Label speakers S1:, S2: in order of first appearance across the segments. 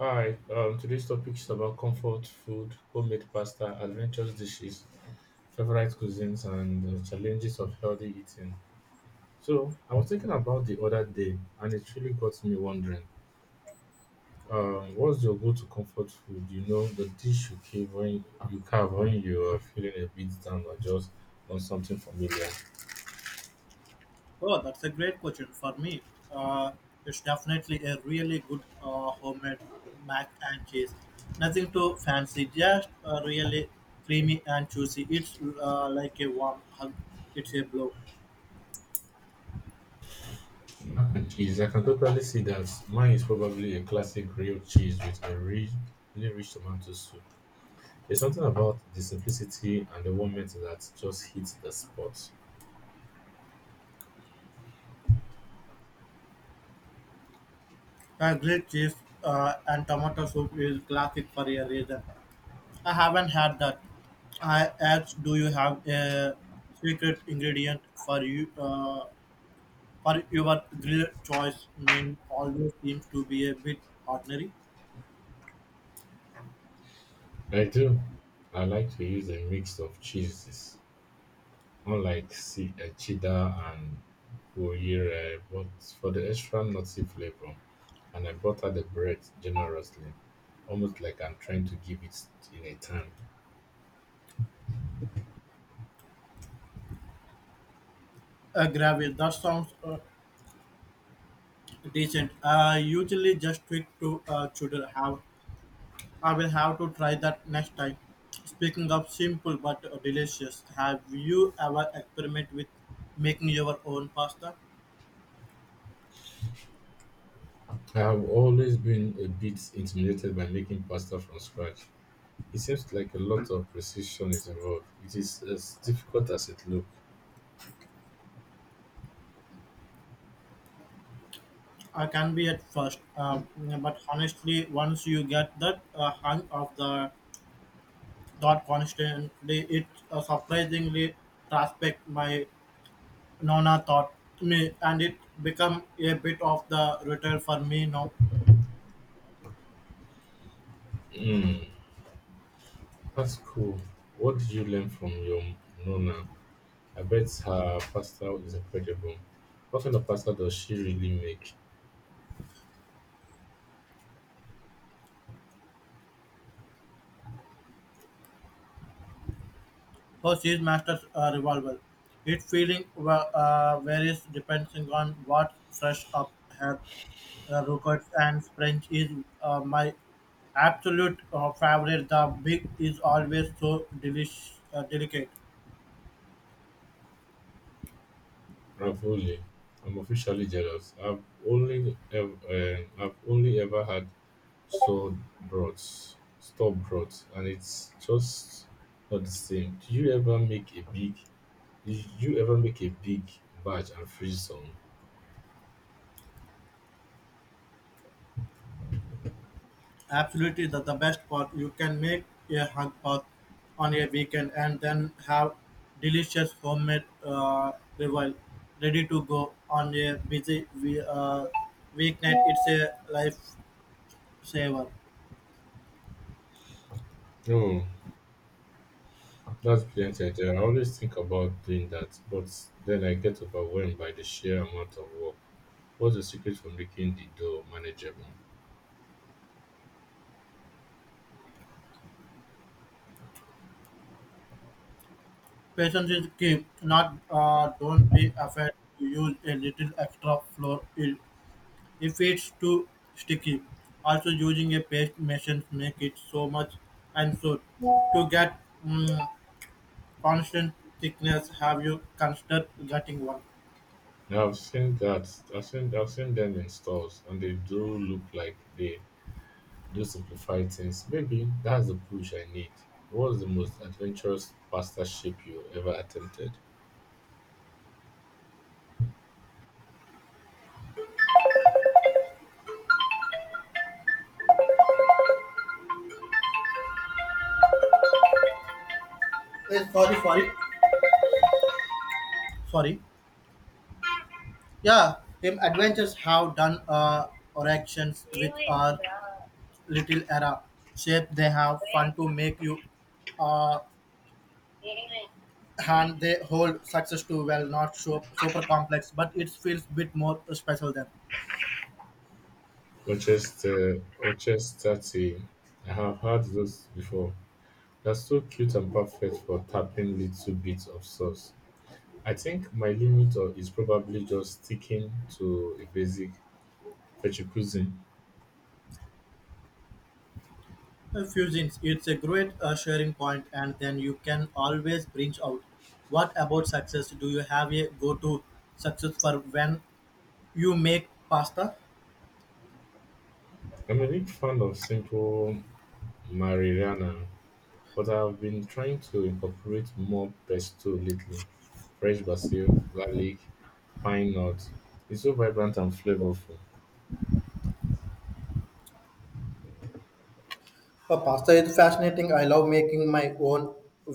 S1: Hi, today's topic is about comfort food, homemade pasta, adventurous dishes, favorite cuisines, and challenges of healthy eating. So, I was thinking about the other day, and it really got me wondering. What's your go-to comfort food? The dish you crave when you carve when you are feeling a bit down or just want something familiar.
S2: Oh, that's a great question for me. Uh, it's definitely a really good homemade mac and cheese. Nothing too fancy, just really creamy and juicy. It's like a warm hug. It's a blow.
S1: And Cheese, I can totally see that. Mine is probably a classic grilled cheese with a really, really rich tomato soup. There's something about the simplicity and the warmth that just hits the spot.
S2: Grilled cheese and tomato soup is classic for a reason. I haven't had that. I asked, do you have a secret ingredient for you for your grilled choice? Main always seems to be a bit ordinary.
S1: I do. I like to use a mix of cheeses, cheddar and gruyere, but for the extra nutty flavor. And I butter the bread generously, almost like I'm trying to give it in a time.
S2: Gravel. That sounds decent. Usually just tweak to children. Have I will have to try that next time. Speaking of simple but delicious, have you ever experimented with making your own pasta?
S1: I have always been a bit intimidated by making pasta from scratch. It seems like a lot of precision is involved. It is as difficult as it
S2: I can be at first, but honestly, once you get that hang of the thought constantly, it surprisingly respect my nona thought me, and it become a bit of the ritual for me now.
S1: looks. That's cool. What did you learn from your nonna? I bet her pasta is incredible. What kind of pasta does she really make?
S2: How she masters a revolver. It feeling varies depending on what fresh up her records and French is my absolute favorite. The big is always so delish, delicate.
S1: Ravioli. I'm officially jealous. I've only ever had store broths, and it's just not the same. Do you ever make a big? Did you ever make a big batch and freeze some?
S2: Absolutely, the best part. You can make a hug pot on a weekend and then have delicious homemade revival ready to go on a busy weeknight. It's a lifesaver.
S1: Oh, that's brilliant idea. I always think about doing that, but then I get overwhelmed by the sheer amount of work. What's the secret for making the dough manageable?
S2: Patience is key. Not don't be afraid to use a little extra flour if it's too sticky. Also, using a paste machine make it so much and so to get mm, constant thickness. Have you considered getting one?
S1: Now I've seen that I've seen them in stores and they do look like they do simplify things. Maybe that's the push I need. What's the most adventurous pasta shape you ever attempted?
S2: Eh, sorry. Sorry. Yeah, him adventures have done oractions with our little era shape. They have fun to make you. Uh, and they hold success too well not so, super complex but it feels a bit more special than
S1: Rochester tea. I have had those before. They're so cute and perfect for tapping little bits of sauce. I think my limit or- is probably just sticking to a basic fetchy cuisine.
S2: fusions. It's a great sharing point and then you can always branch out. What about success, do you have a go-to success for when you make pasta?
S1: I'm a big fan of simple marinara, but I've been trying to incorporate more pesto lately. Fresh basil, garlic, pine nuts. It's so vibrant and flavorful.
S2: Pasta is fascinating. I love making my own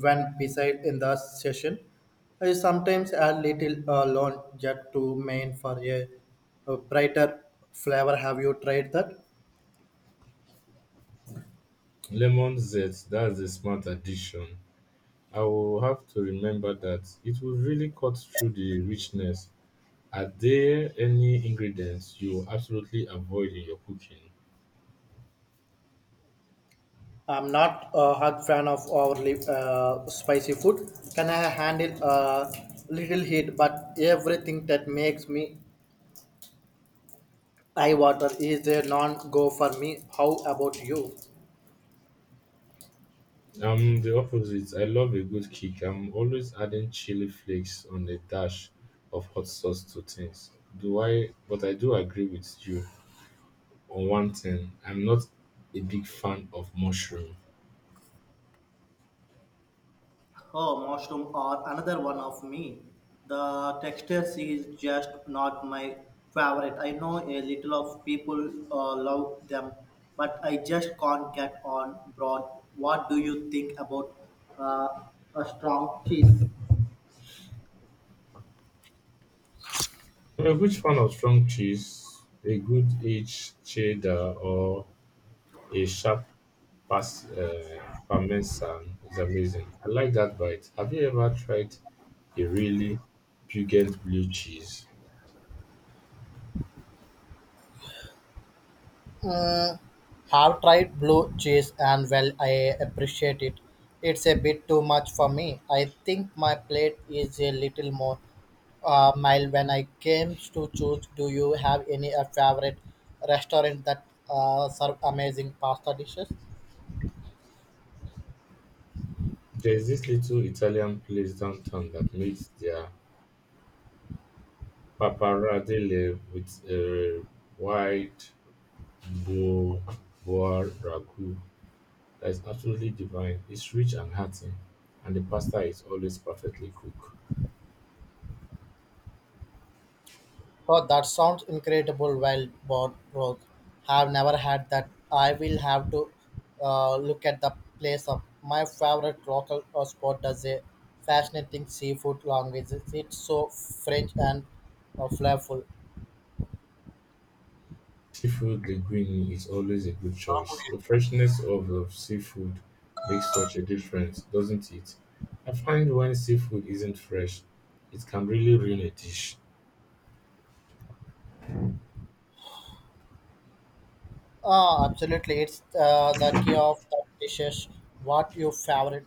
S2: when beside in the session. I sometimes add little lawn jet to main for a brighter flavor. Have you tried that?
S1: Lemon zest, that's a smart addition. I will have to remember that it will really cut through the richness. Are there any ingredients you absolutely avoid in your cooking?
S2: I'm not a hot fan of overly spicy food. Can I handle a little heat? But everything that makes me eye water is a non-go for me. How about you?
S1: I'm the opposite. I love a good kick. I'm always adding chili flakes on a dash of hot sauce to things. Do I? But I do agree with you on one thing. I'm not a big fan of mushroom.
S2: Oh, mushroom or another one of me. The texture is just not my favorite. I know a little of people love them, but I just can't get on broad. What do you think about uh, a strong cheese?
S1: I'm a huge fan of strong cheese, a good aged cheddar, or a sharp parmesan is amazing. I like that bite. Have you ever tried a really pungent blue cheese?
S2: Have tried blue cheese and well I appreciate it. It's a bit too much for me. I think my plate is a little more mild when I came to choose. Do you have any favorite restaurant that serve amazing pasta dishes?
S1: There's this little Italian place downtown that makes their pappardelle with a white bo- boar ragu that is absolutely divine. It's rich and hearty, and the pasta is always perfectly cooked.
S2: Oh, that sounds incredible. Well, born rogue. Have never had that. I will have to look at the place up. My favorite local spot does a fascinating seafood language. It's so French and flavorful.
S1: Seafood linguine is always a good choice. The freshness of the seafood makes such a difference, doesn't it? I find when seafood isn't fresh, it can really ruin a dish.
S2: Ah, absolutely. It's the key of the dishes. What your favorite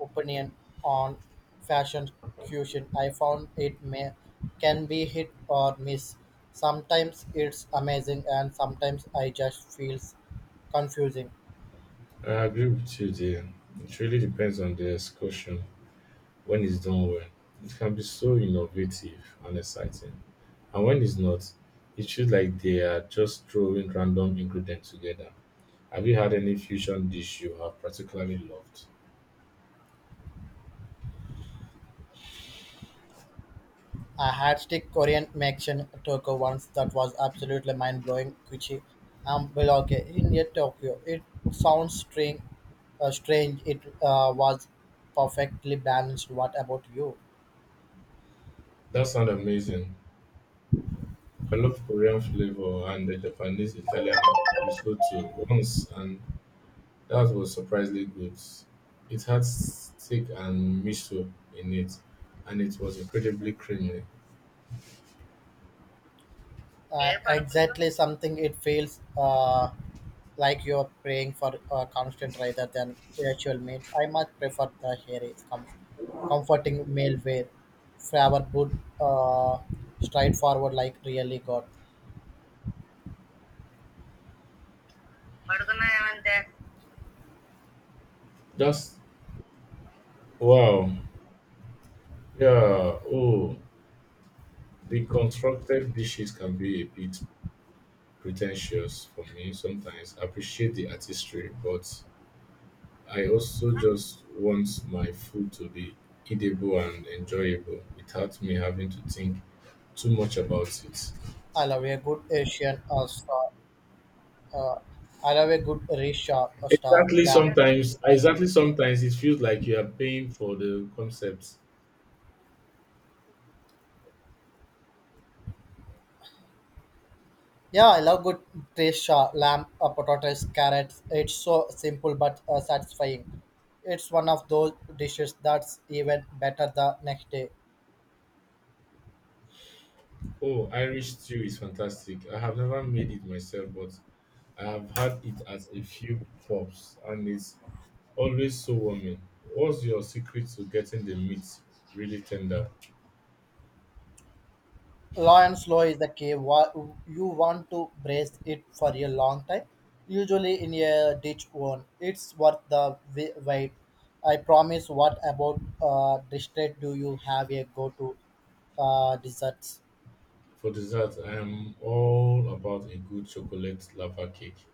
S2: opinion on fashion cuisine. I found it may can be hit or miss. Sometimes it's amazing and sometimes I just feels confusing.
S1: I agree with you there. It really depends on the excursion when it's done well. It can be so innovative and exciting. And when it's not, it feels like they are just throwing random ingredients together. Have you had any fusion dish you have particularly loved?
S2: I had stick Korean Mexican taco once that was absolutely mind blowing. Kuchi Biloke in yet Tokyo. It sounds strange. Strange. It was perfectly balanced. What about you?
S1: That sounds amazing. I love Korean flavor and the Japanese Italian risotto once, and that was surprisingly good. It had steak and miso in it, and it was incredibly creamy.
S2: Exactly something it feels like you're praying for constant rather than spiritual means. I much prefer the hairy comforting male wear, flower good, straightforward like really God.
S1: Just wow. Yeah. Oh, the constructed dishes can be a bit pretentious for me sometimes. I appreciate the artistry, but I also just want my food to be eatable and enjoyable without me having to think too much about it.
S2: I love a good Asian star. I love a good rich star
S1: Exactly
S2: lamp.
S1: sometimes exactly sometimes it feels like you are paying for the concept.
S2: Yeah, I love good fish, lamb, potatoes, carrots. It's so simple but satisfying. It's one of those dishes that's even better the next day.
S1: Oh, Irish stew is fantastic. I have never made it myself, but I've had it at a few pubs and it's always so warming. What's your secret to getting the meat really tender?
S2: Low and slow is the key. You want to braise it for a long time, usually in a ditch one. It's worth the wait. I promise. What about district? Do you have a go-to desserts?
S1: For dessert, I am all about a good chocolate lava cake.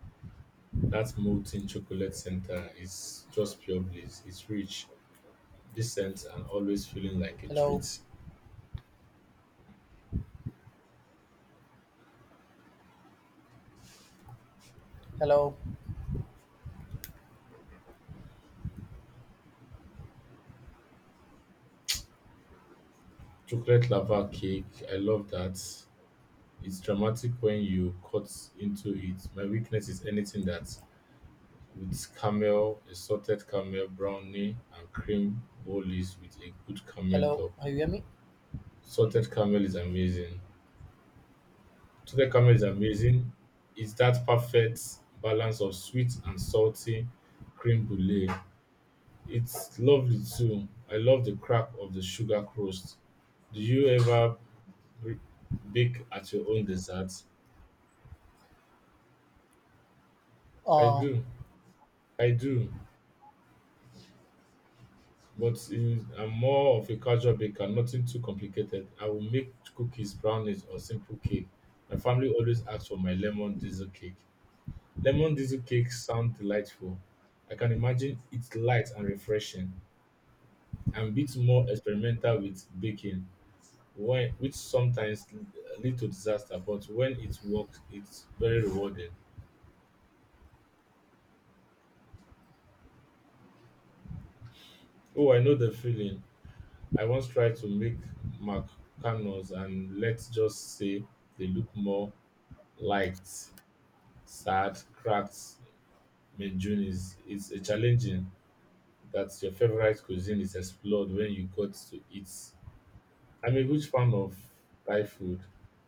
S1: That molten chocolate center is just pure bliss. It's rich, decent, and always feeling like a
S2: Hello,
S1: treat.
S2: hello,
S1: Chocolate lava cake, I love that. It's dramatic when you cut into it. My weakness is anything that with caramel, a salted caramel brownie, and cream bolies with a good caramel
S2: hello.
S1: top.
S2: Are you hear me?
S1: Salted caramel is amazing. Salted caramel is amazing. It's that perfect balance of sweet and salty cream brulee. It's lovely too. I love the crack of the sugar crust. Do you ever b- bake at your own dessert? I
S2: Uh,
S1: do. I do. But is I'm more of a casual baker, nothing too complicated. I will make cookies, brownies, or simple cake. My family always asks for my lemon diesel cake. Lemon diesel cakes sound delightful. I can imagine it's light and refreshing. I'm a bit more experimental with baking, which sometimes lead to disaster, but when it works, it's very rewarding. Oh, I know the feeling. I once tried to make macarons and let's just say they look more light, sad, cracked mejuni's. It's a challenging that your favorite cuisine is explored when you got to eat. I'm a huge fan of Thai food.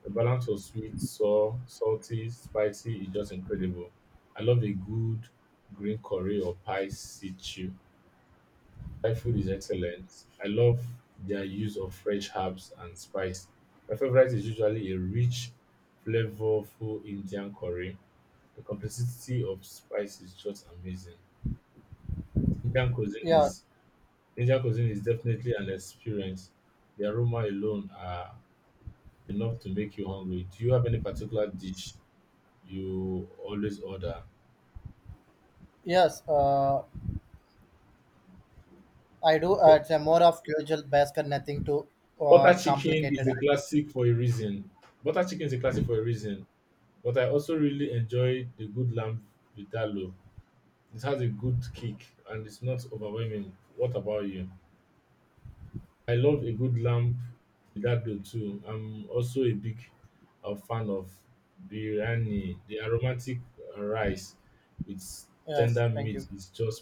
S1: The balance of sweet, sour, salty, spicy is just incredible. I love a good green curry or pie stew. Thai food is excellent. I love their use of fresh herbs and spice. My favorite is usually a rich, flavorful Indian curry. The complexity of Spice is just amazing. Indian cuisine
S2: yeah.
S1: is Indian cuisine is definitely an experience. The aroma alone are enough to make you hungry. Do you have any particular dish you always order?
S2: Yes, I do.
S1: Bu-
S2: It's a more of usual basket, nothing too
S1: Butter chicken is
S2: complicated.
S1: a classic for a reason. Butter chicken is a classic for a reason. But I also really enjoy the good lamb vindaloo. It has a good kick and it's not overwhelming. What about you? I love a good lamb vindaloo too. I'm also a big fan of biryani. The aromatic rice with
S2: Yes,
S1: tender
S2: thank
S1: meat
S2: you.
S1: is just